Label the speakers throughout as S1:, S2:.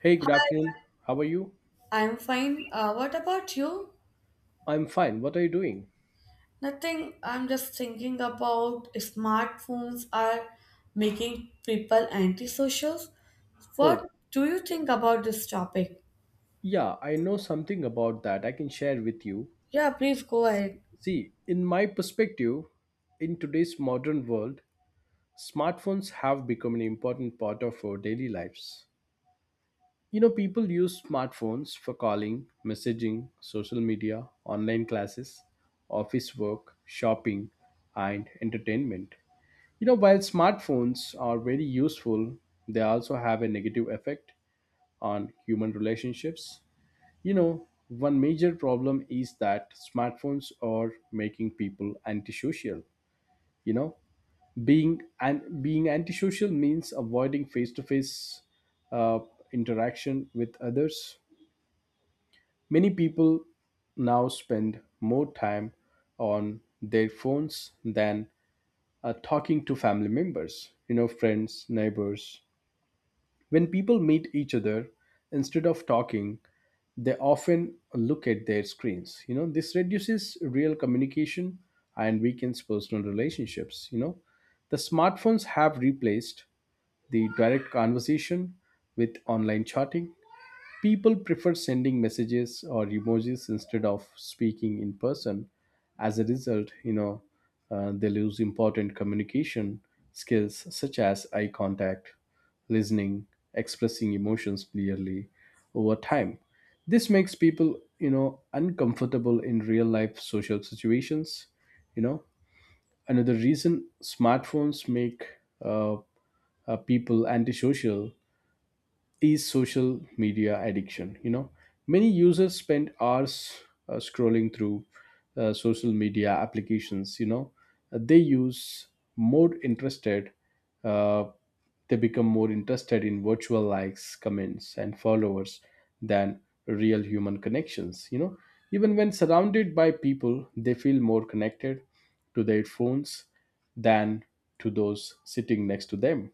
S1: Hey, good afternoon. How are you?
S2: I'm fine. What about you?
S1: I'm fine. What are you doing?
S2: Nothing. I'm just thinking about smartphones are making people antisocial.
S1: Oh,
S2: What do you think about this topic?
S1: yeah, I know something about that I can share with you.
S2: Yeah, please go ahead.
S1: See, in my perspective, in today's modern world, smartphones have become an important part of our daily lives. You know, people use smartphones for calling, messaging, social media, online classes, office work, shopping, and entertainment. You know, while smartphones are very useful, they also have a negative effect on human relationships. You know, one major problem is that smartphones are making people antisocial. You know, being antisocial means avoiding face-to-face uh, interaction with others. Many people now spend more time on their phones than talking to family members, you know, friends, neighbors, when people meet each other, instead of talking, they often look at their screens. You know, this reduces real communication and weakens personal relationships. You know, the smartphones have replaced the direct conversation with online chatting. People prefer sending messages or emojis instead of speaking in person. As a result, you know, they lose important communication skills such as eye contact, listening, expressing emotions clearly over time. This makes people, you know, uncomfortable in real life social situations. You know, another reason smartphones make uh, people antisocial is social media addiction. You know, many users spend hours scrolling through social media applications. You know, they use more interested. Uh, they become more interested in virtual likes, comments, and followers than real human connections. You know, even when surrounded by people, they feel more connected to their phones than to those sitting next to them.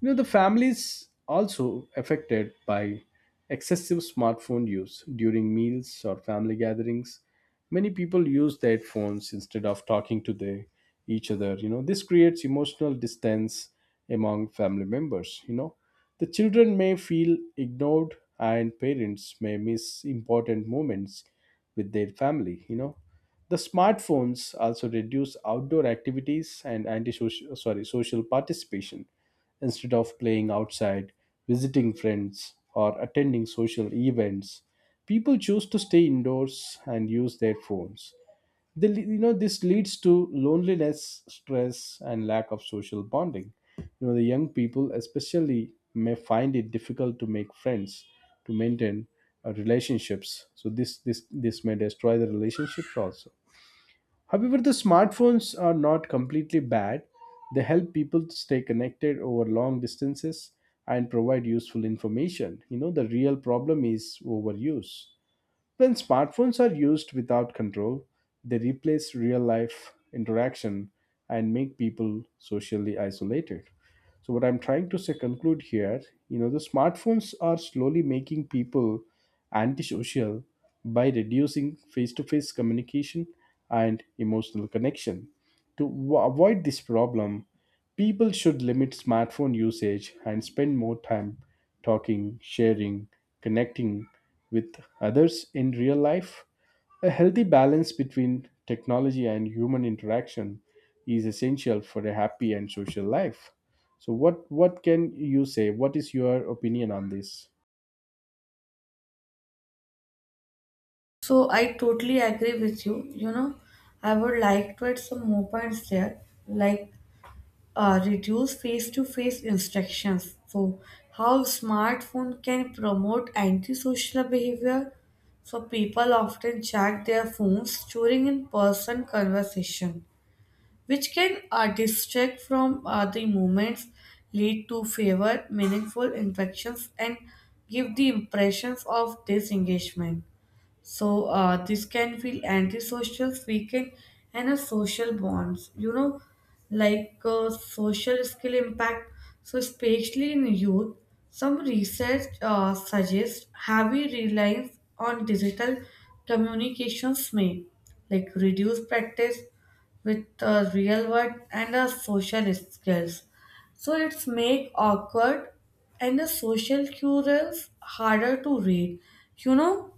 S1: You know, the families also affected by excessive smartphone use during meals or family gatherings. Many people use their phones instead of talking to each other. You know, this creates emotional distance among family members. You know, the children may feel ignored and parents may miss important moments with their family. You know, the smartphones also reduce outdoor activities and anti sorry social participation, instead of playing outside, visiting friends, or attending social events. People choose to stay indoors and use their phones. You know, this leads to loneliness, stress, and lack of social bonding. You know, the young people especially may find it difficult to make friends, to maintain relationships. So this may destroy the relationships also. However, the smartphones are not completely bad. They help people to stay connected over long distances and provide useful information. You know, the real problem is overuse. When smartphones are used without control, they replace real life interaction and make people socially isolated. So, what I'm trying to say, conclude here, you know, the smartphones are slowly making people antisocial by reducing face to face communication and emotional connection. To avoid this problem, people should limit smartphone usage and spend more time talking, sharing, connecting with others in real life. A healthy balance between technology and human interaction is essential for a happy and social life. So, what can you say? What is your opinion on this?
S2: So I totally agree with you. You know, I would like to add some more points there, like reduce face-to-face instructions. So how smartphone can promote antisocial behavior? So people often check their phones during in-person conversation, which can distract from the moments, lead to favor meaningful interactions, and give the impressions of disengagement. So this can feel antisocial, weaken, and a social bonds. You know, like social skill impact. So especially in youth, some research suggests heavy reliance on digital communications may like reduce practice with real world and social skills. So it's make awkward and the social cues harder to read. You know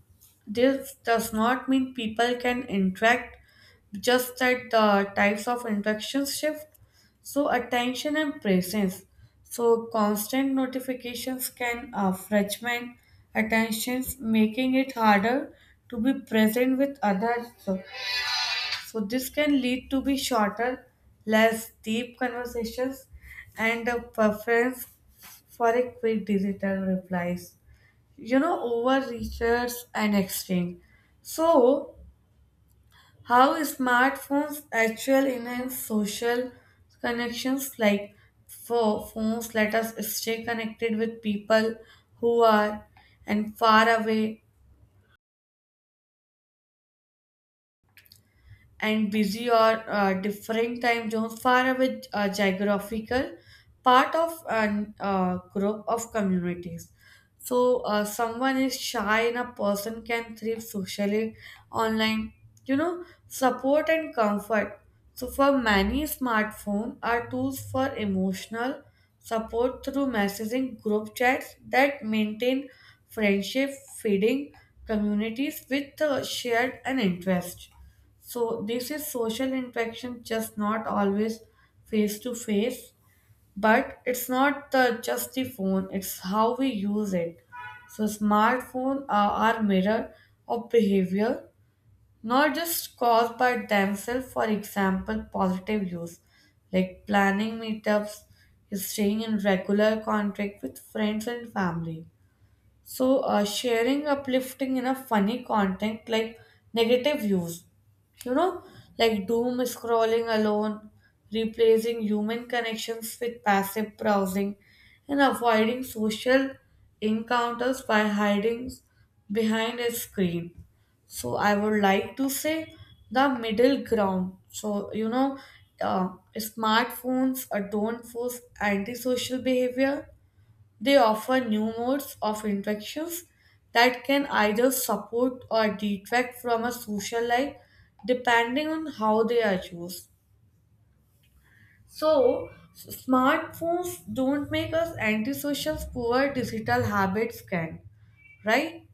S2: this does not mean people can interact, just that the types of interactions shift. So, attention and presence. So, constant notifications can fragment attentions, making it harder to be present with others. So this can lead to be shorter, less deep conversations, and a preference for a quick digital replies, you know, over research and exchange. So how smartphones actually enhance social connections, like for phones let us stay connected with people who are and far away and busy or different time zones far away geographical part of an group of communities. So someone is shy and a person can thrive socially online, you know, support and comfort. So for many smartphones are tools for emotional support through messaging group chats that maintain friendship, feeding communities with shared an interest. So this is social interaction, just not always face to face, but it's not the just the phone. It's how we use it. So smartphone are mirror of behavior, not just caused by themselves. For example, positive use, like planning meetups, staying in regular contact with friends and family. So, sharing uplifting in a funny content like negative views, you know, like doom scrolling alone, replacing human connections with passive browsing, and avoiding social encounters by hiding behind a screen. So, I would like to say the middle ground. So, you know, smartphones don't force antisocial behavior. They offer new modes of interactions that can either support or detract from a social life depending on how they are used. So, smartphones don't make us antisocial, poor digital habits can, right?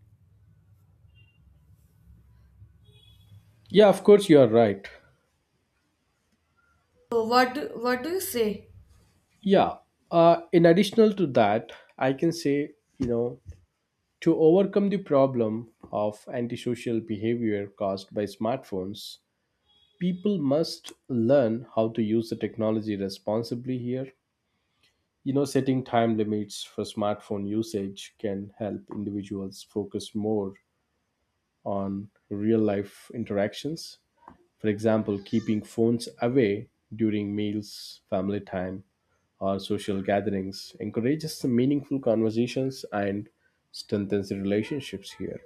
S1: Yeah, of course, you are right.
S2: So, what do you say?
S1: Yeah. In additional to that, I can say, you know, to overcome the problem of antisocial behavior caused by smartphones, people must learn how to use the technology responsibly here. You know, setting time limits for smartphone usage can help individuals focus more on real life interactions. For example, keeping phones away during meals, family time, or social gatherings encourages some meaningful conversations and strengthens the relationships here.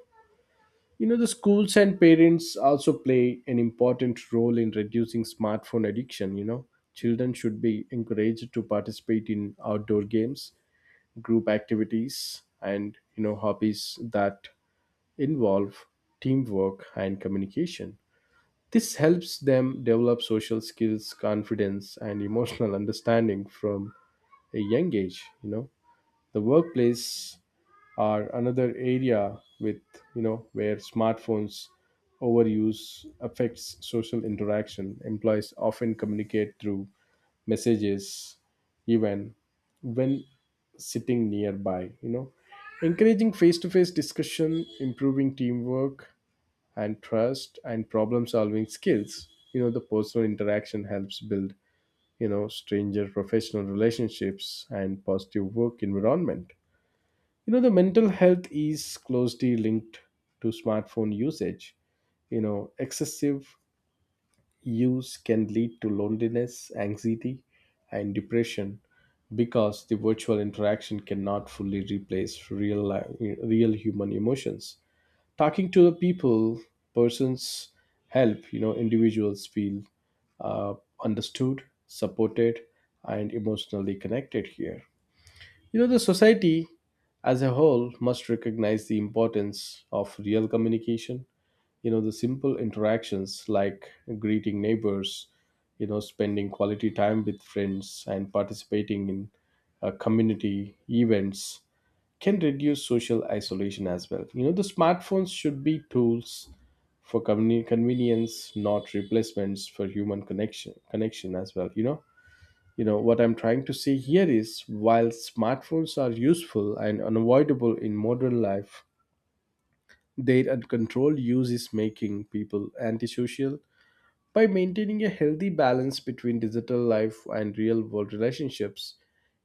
S1: You know, the schools and parents also play an important role in reducing smartphone addiction. You know, children should be encouraged to participate in outdoor games, group activities, and you know, hobbies that involve teamwork and communication. This helps them develop social skills, confidence, and emotional understanding from a young age. You know, the workplace are another area with, you know, where smartphones overuse affects social interaction. Employees often communicate through messages even when sitting nearby, you know, encouraging face-to-face discussion, improving teamwork and trust and problem solving skills. You know, the personal interaction helps build, you know, stranger professional relationships and positive work environment. You know, the mental health is closely linked to smartphone usage. You know, excessive use can lead to loneliness, anxiety, and depression because the virtual interaction cannot fully replace real human emotions. Talking to the people, persons, help, you know, individuals feel uh, understood, supported, and emotionally connected here. You know, the society as a whole must recognize the importance of real communication. You know, the simple interactions like greeting neighbors, you know, spending quality time with friends and participating in community events can reduce social isolation as well. You know, the smartphones should be tools for convenience, not replacements for human connection as well. You know, you know what I'm trying to say here is while smartphones are useful and unavoidable in modern life, their uncontrolled use is making people antisocial. By maintaining a healthy balance between digital life and real world relationships,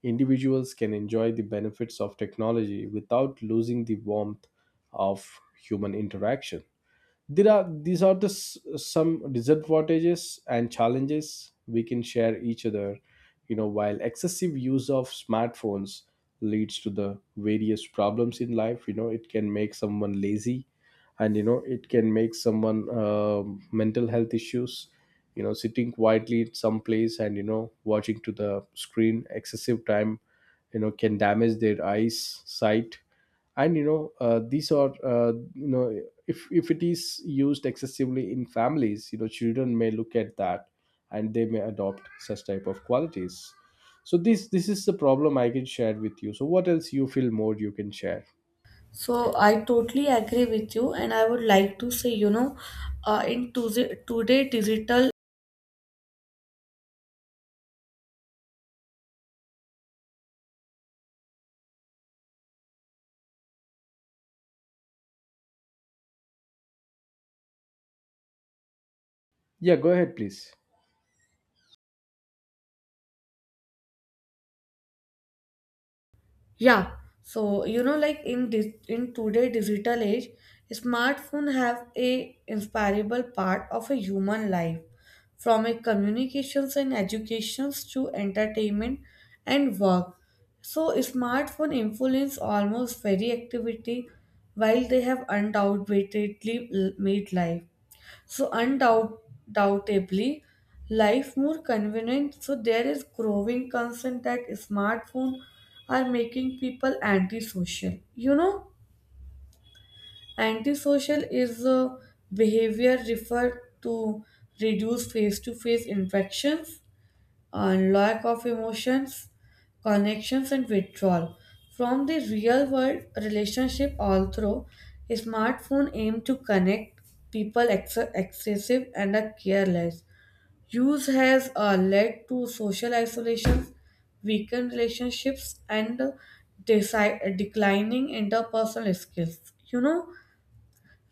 S1: individuals can enjoy the benefits of technology without losing the warmth of human interaction. There are the some disadvantages and challenges we can share each other. You know, while excessive use of smartphones leads to the various problems in life, you know, it can make someone lazy, and, you know, it can make someone mental health issues. You know, sitting quietly in some place and, you know, watching to the screen excessive time, you know, can damage their eyes sight. And, you know, these are you know, if it is used excessively in families, you know, children may look at that and they may adopt such type of qualities. So this is the problem I can share with you. So what else you feel more you can share?
S2: So, I totally agree with you, and I would like to say, you know, in today digital.
S1: Yeah, go ahead please.
S2: Yeah, so you know, like in this in today digital age, smartphone have a inseparable part of a human life, from a communications and educations to entertainment and work. So smartphone influence almost every activity, while they have undoubtedly made life. So undoubtedly, life more convenient. So there is growing concern that smartphones are making people antisocial. You know, antisocial is a behavior referred to reduce face-to-face interactions and lack of emotions, connections, and withdrawal from the real world relationship. Although a smartphone aim to connect people excessive and are careless, use has led to social isolation, weakened relationships, and declining interpersonal skills. You know,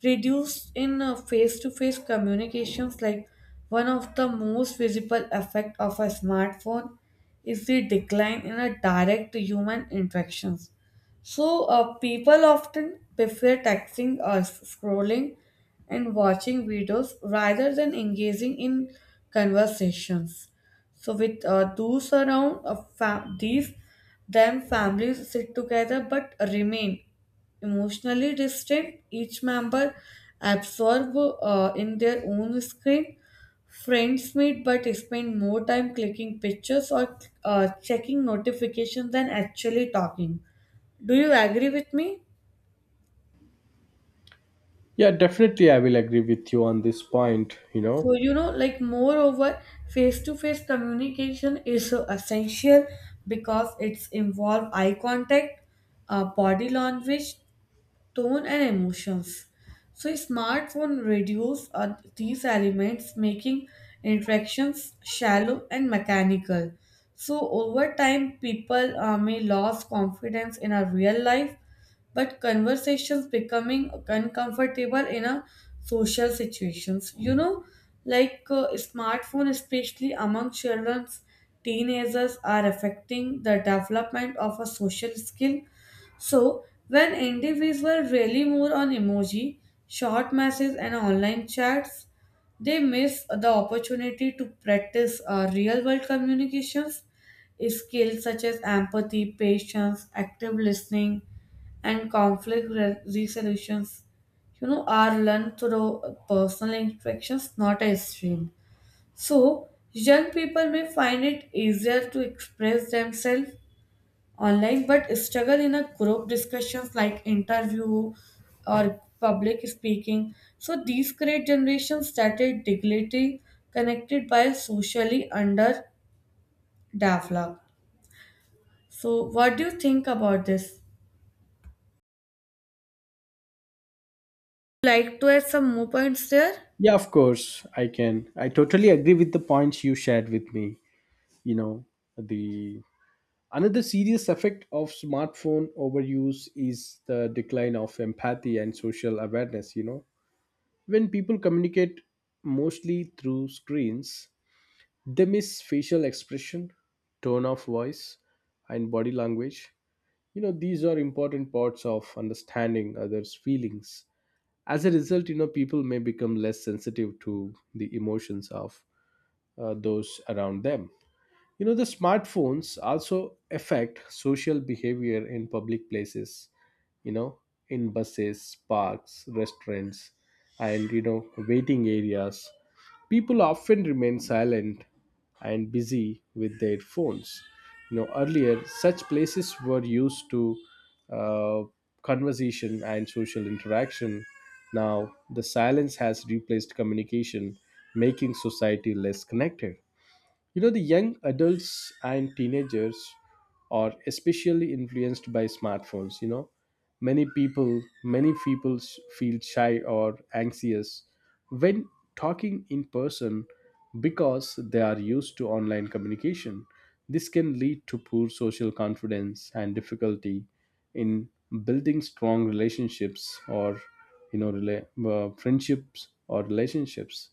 S2: reduced in face-to-face communications, like one of the most visible effect of a smartphone is the decline in a direct human interactions. So, people often prefer texting us, scrolling, and watching videos rather than engaging in conversations. So, with those around, these then families sit together but remain emotionally distant. Each member absorbed in their own screen. Friends meet but spend more time clicking pictures or checking notifications than actually talking. Do you agree with me?
S1: Yeah, definitely I will agree with you on this point, you know.
S2: So, you know, like, moreover, face to face communication is so essential because it's involve eye contact, body language, tone, and emotions. So, a smartphone reduces these elements, making interactions shallow and mechanical. So, over time, people may lose confidence in a real life, but conversations becoming uncomfortable in a social situations. You know, like smartphone, especially among children, teenagers, are affecting the development of a social skill. So, when individuals rely more on emoji, short messages, and online chats, they miss the opportunity to practice real world communications skills such as empathy, patience, active listening, and conflict resolutions. You know, are learned through personal interactions, not a stream. So, young people may find it easier to express themselves online but struggle in a group discussions like interview or public speaking. So these create generations that are digitally connected by socially underdeveloped. So what do you think about this? Like to add some more points there.
S1: Yeah, of course I can, I totally agree with the points you shared with me, you know. The another serious effect of smartphone overuse is the decline of empathy and social awareness. You know, when people communicate mostly through screens, they miss facial expression, tone of voice, and body language. You know, these are important parts of understanding others' feelings. As a result, you know, people may become less sensitive to the emotions of those around them. You know, the smartphones also affect social behavior in public places, you know, in buses, parks, restaurants, and, you know, waiting areas. People often remain silent and busy with their phones. You know, earlier, such places were used to uh, conversation and social interaction. Now, the silence has replaced communication, making society less connected. You know, the young adults and teenagers are especially influenced by smartphones. You know, many people feel shy or anxious when talking in person because they are used to online communication. This can lead to poor social confidence and difficulty in building strong relationships, or, you know, friendships or relationships.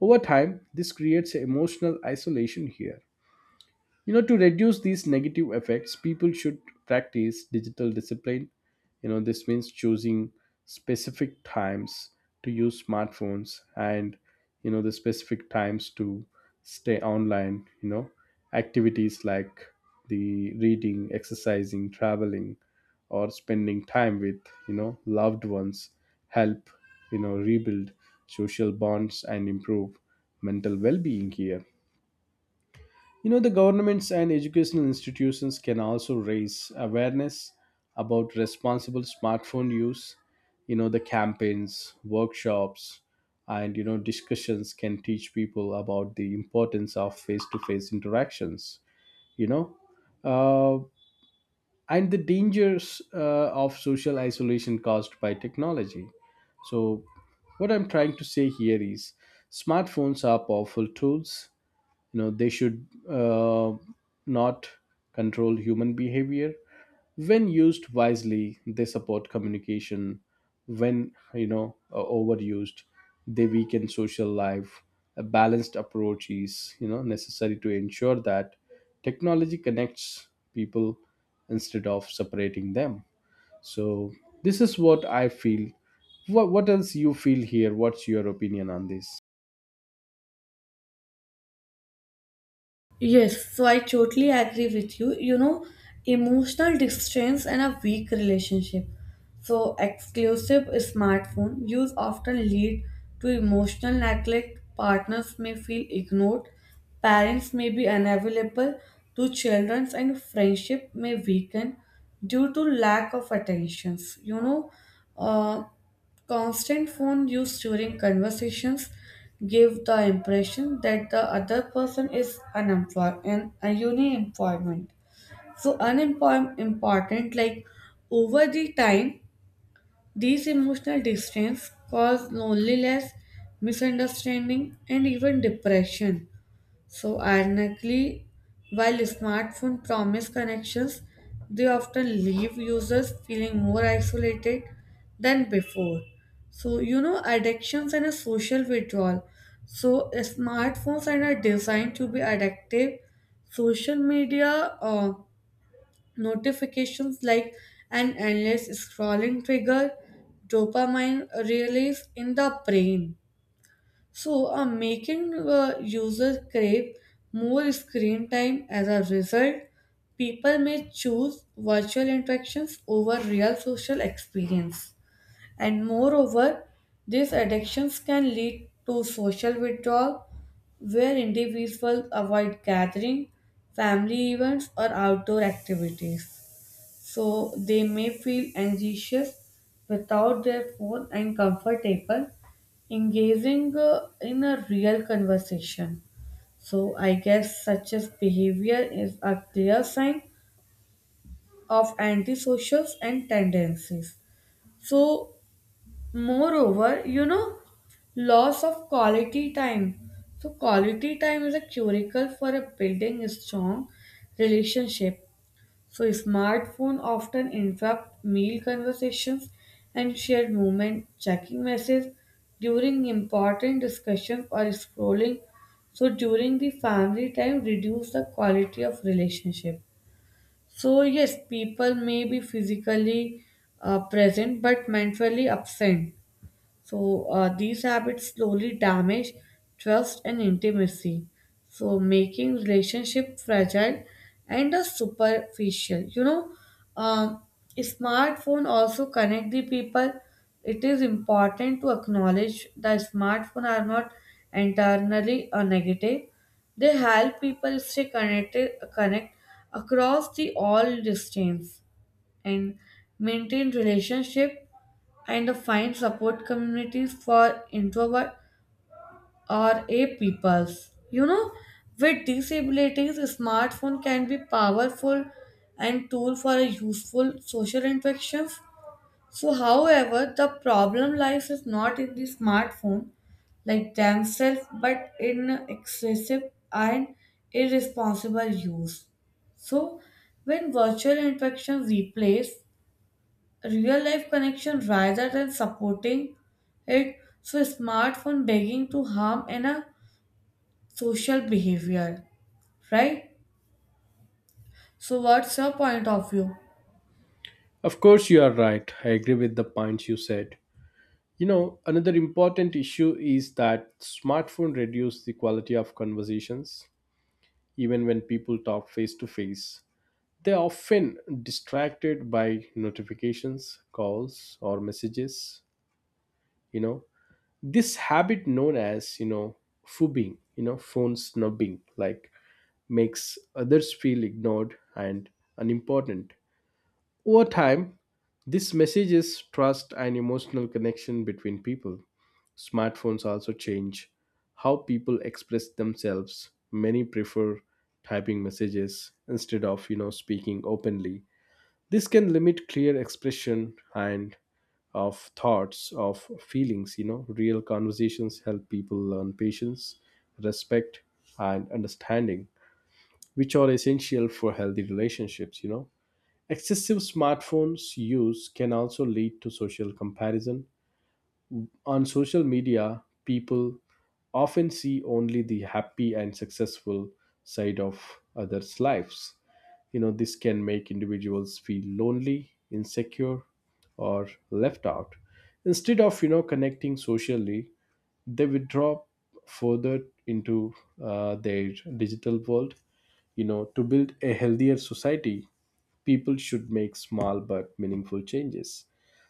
S1: Over time, this creates emotional isolation here. You know, to reduce these negative effects, people should practice digital discipline. You know, this means choosing specific times to use smartphones, and, you know, the specific times to stay online. You know, activities like the reading, exercising, traveling, or spending time with, you know, loved ones help, you know, rebuild social bonds and improve mental well-being here. You know, the governments and educational institutions can also raise awareness about responsible smartphone use. You know, the campaigns, workshops, and, you know, discussions can teach people about the importance of face to face interactions, you know, uh, and the dangers of social isolation caused by technology. So, what I'm trying to say here is smartphones are powerful tools. You know, they should not control human behavior. When used wisely, they support communication. When, you know, overused, they weaken social life. A balanced approach is, you know, necessary to ensure that technology connects people instead of separating them. So this is what I feel. What else you feel here? What's your opinion on this?
S2: Yes, so I totally agree with you. You know, emotional distance and a weak relationship. So, exclusive smartphone use often lead to emotional neglect. Partners may feel ignored, parents may be unavailable to children, and friendship may weaken due to lack of attentions. You know, uh, constant phone use during conversations give the impression that the other person is unemployed and unemployment. So unemployment important like over the time these emotional distance cause loneliness, misunderstanding, and even depression. So, ironically, while smartphones promise connections, they often leave users feeling more isolated than before. So, you know, addictions and a social withdrawal. So, smartphones and are not designed to be addictive. Social media notifications like an endless scrolling trigger dopamine release in the brain. So, making user crave more screen time. As a result, people may choose virtual interactions over real social experience. And moreover, these addictions can lead to social withdrawal, where individuals avoid gathering, family events, or outdoor activities, so they may feel anxious without their phone and comfortable engaging in a real conversation. So I guess such as behavior is a clear sign of antisocials and tendencies. So moreover, you know, loss of quality time. So quality time is a curacle for a building a strong relationship. So smartphone often interrupt meal conversations and shared movement, checking messages during important discussions or scrolling. So during the family time reduce the quality of relationship. So yes, people may be physically present but mentally absent. So these habits slowly damage trust and intimacy, so making relationship fragile and superficial. You know, um, smartphone also connect the people. It is important to acknowledge that smartphone are not entirely negative. They help people stay connected, connect across the all distance and maintain relationship and find support communities for introvert or a peoples. You know, with disabilities, smartphone can be powerful and tool for a useful social interactions. So, however, the problem lies is not in the smartphone like themselves, but in excessive and irresponsible use. So, when virtual interactions replace real life connection rather than supporting it. So smartphone begging to harm in a social behavior, right? So what's your point of view?
S1: Of course you are right, I agree with the points you said. You know, another important issue is that smartphone reduce the quality of conversations even when people talk face to face. They are often distracted by notifications, calls or messages, you know. This habit known as, you know, fubbing, you know, phone snubbing, like, makes others feel ignored and unimportant. Over time, this messages trust and emotional connection between people. Smartphones also change how people express themselves. Many prefer typing messages instead of, you know, speaking openly. This can limit clear expression and of thoughts, of feelings, you know. Real conversations help people learn patience, respect, and understanding, which are essential for healthy relationships, you know. Excessive smartphones use can also lead to social comparison. On social media, people often see only the happy and successful side of others' lives. You know, this can make individuals feel lonely, insecure, or left out. Instead of, you know, connecting socially, they withdraw further into their digital world. You know, to build a healthier society, people should make small but meaningful changes.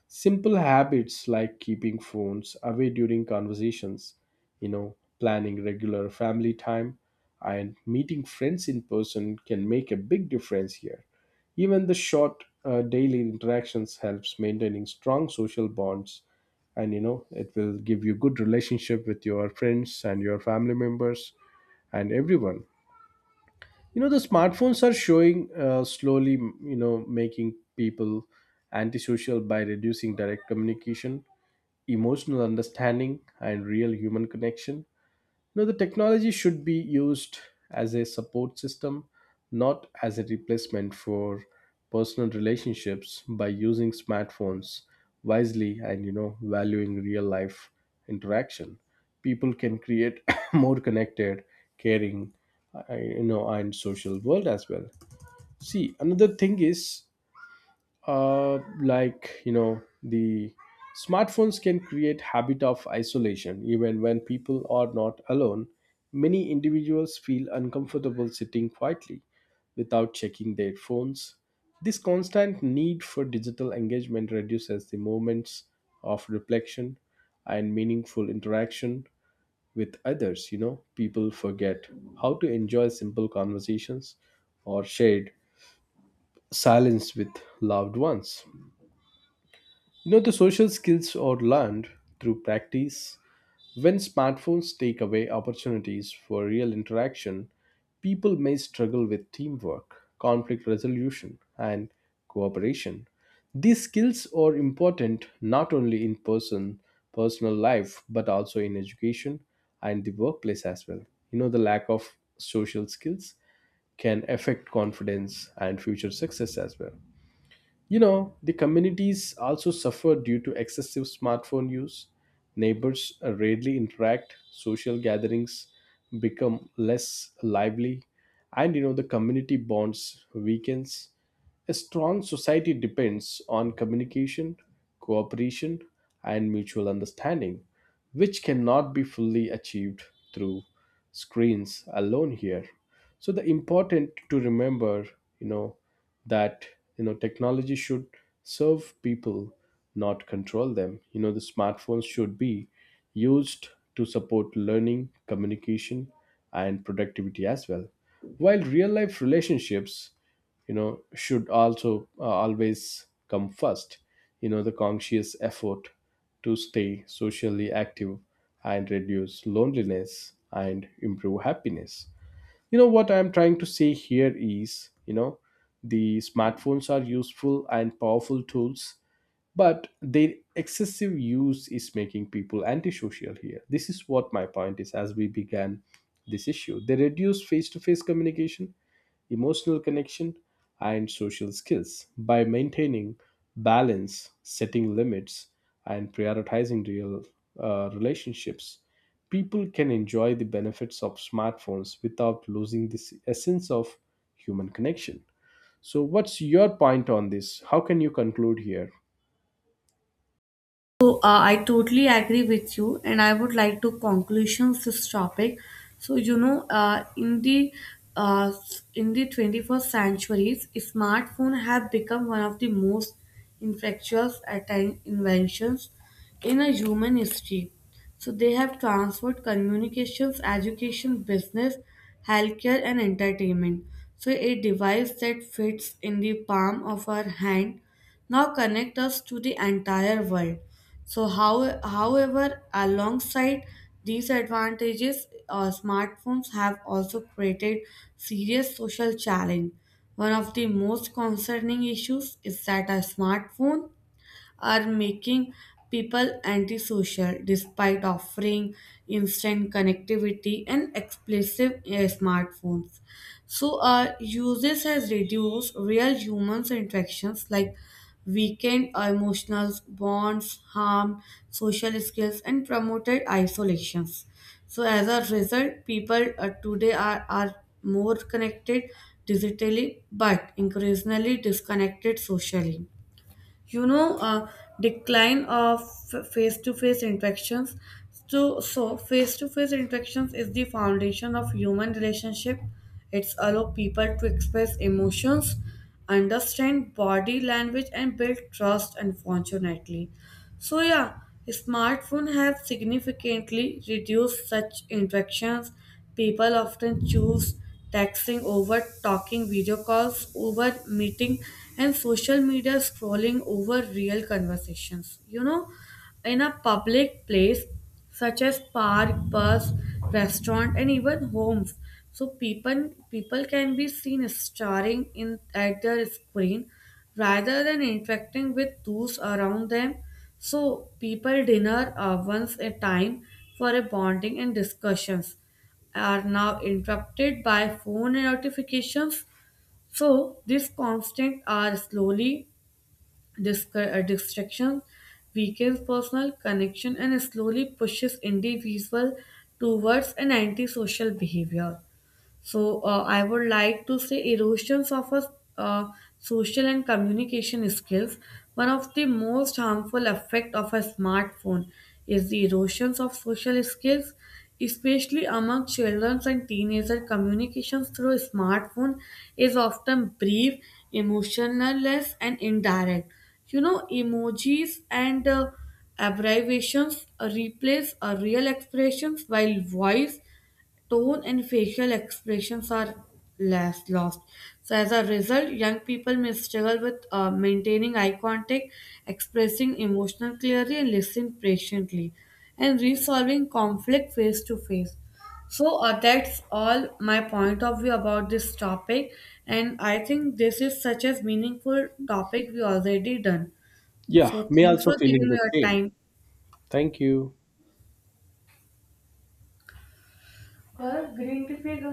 S1: Simple habits like keeping phones away during conversations, you know, planning regular family time, and meeting friends in person can make a big difference here. Even the short daily interactions helps maintaining strong social bonds, and, you know, it will give you good relationship with your friends and your family members and everyone. You know, the smartphones are showing slowly, you know, making people antisocial by reducing direct communication, emotional understanding, and real human connection. Now, the technology should be used as a support system, not as a replacement for personal relationships. By using smartphones wisely and, you know, valuing real life interaction, people can create more connected, caring, you know, and social world as well. See, another thing is, like, you know, the smartphones can create habit of isolation even when people are not alone. Many individuals feel uncomfortable sitting quietly without checking their phones. This constant need for digital engagement reduces the moments of reflection and meaningful interaction with others. You know, people forget how to enjoy simple conversations or shared silence with loved ones. You know, the social skills are learned through practice. When smartphones take away opportunities for real interaction, people may struggle with teamwork, conflict resolution, and cooperation. These skills are important not only in personal life but also in education and the workplace as well. You know, the lack of social skills can affect confidence and future success as well. You know, the communities also suffer due to excessive smartphone use. Neighbors rarely interact, social gatherings become less lively, and, you know, the community bonds weakens. A strong society depends on communication, cooperation, and mutual understanding, which cannot be fully achieved through screens alone here. So the important to remember, you know, that, you know, technology should serve people, not control them. You know, the smartphones should be used to support learning, communication, and productivity as well, while real life relationships, you know, should also always come first. You know, the conscious effort to stay socially active and reduce loneliness and improve happiness. You know, what I'm trying to say here is, you know, the smartphones are useful and powerful tools, but their excessive use is making people antisocial here. This is what my point is. As we began this issue, they reduce face-to-face communication, emotional connection, and social skills. By maintaining balance, setting limits, and prioritizing real relationships, people can enjoy the benefits of smartphones without losing this essence of human connection. So, what's your point on this? How can you conclude here?
S2: So I totally agree with you, and I would like to conclusions this topic. So you know, uh, in the 21st centuries, smartphone have become one of the most inventions in a human history. So they have transformed communications, education, business, healthcare, and entertainment. So a device that fits in the palm of our hand now connect us to the entire world. So, however, alongside these advantages, smartphones have also created serious social challenge. One of the most concerning issues is that a smartphone are making people antisocial despite offering instant connectivity and explosive smartphones. So, uses has reduced real humans interactions like weakened emotional bonds, harmed social skills, and promoted isolations. So, as a result, people are more connected digitally but increasingly disconnected socially. You know, decline of face to face interactions. So face to face interactions is the foundation of human relationship. It's allow people to express emotions, understand body language, and build trust. Unfortunately, so yeah, smartphone have significantly reduced such interactions. People often choose texting over talking, video calls over meeting, and social media scrolling over real conversations. You know, in a public place such as park, bus, restaurant, and even homes, so people can be seen staring in at their screen rather than interacting with those around them. So people dinner once a time for a bonding and discussions are now interrupted by phone notifications. So, these constant are slowly distraction, weakens personal connection, and slowly pushes individual towards an antisocial behavior. So I would like to say erosions of a, uh, social and communication skills. One of the most harmful effect of a smartphone is the erosions of social skills, especially among children and teenagers. Communications through smartphone is often brief, emotionless, and indirect. You know, emojis and abbreviations replace real expressions while voice tone and facial expressions are less lost. So as a result, young people may struggle with maintaining eye contact, expressing emotional clearly, and listening patiently, and resolving conflict face to face. So that's all my point of view about this topic, and I think this is such a meaningful topic we already done.
S1: Yeah,
S2: So
S1: me
S2: thanks
S1: also
S2: for
S1: feeling
S2: giving
S1: the
S2: me your
S1: same.
S2: time.
S1: Thank you.
S2: और green tea पिएगा।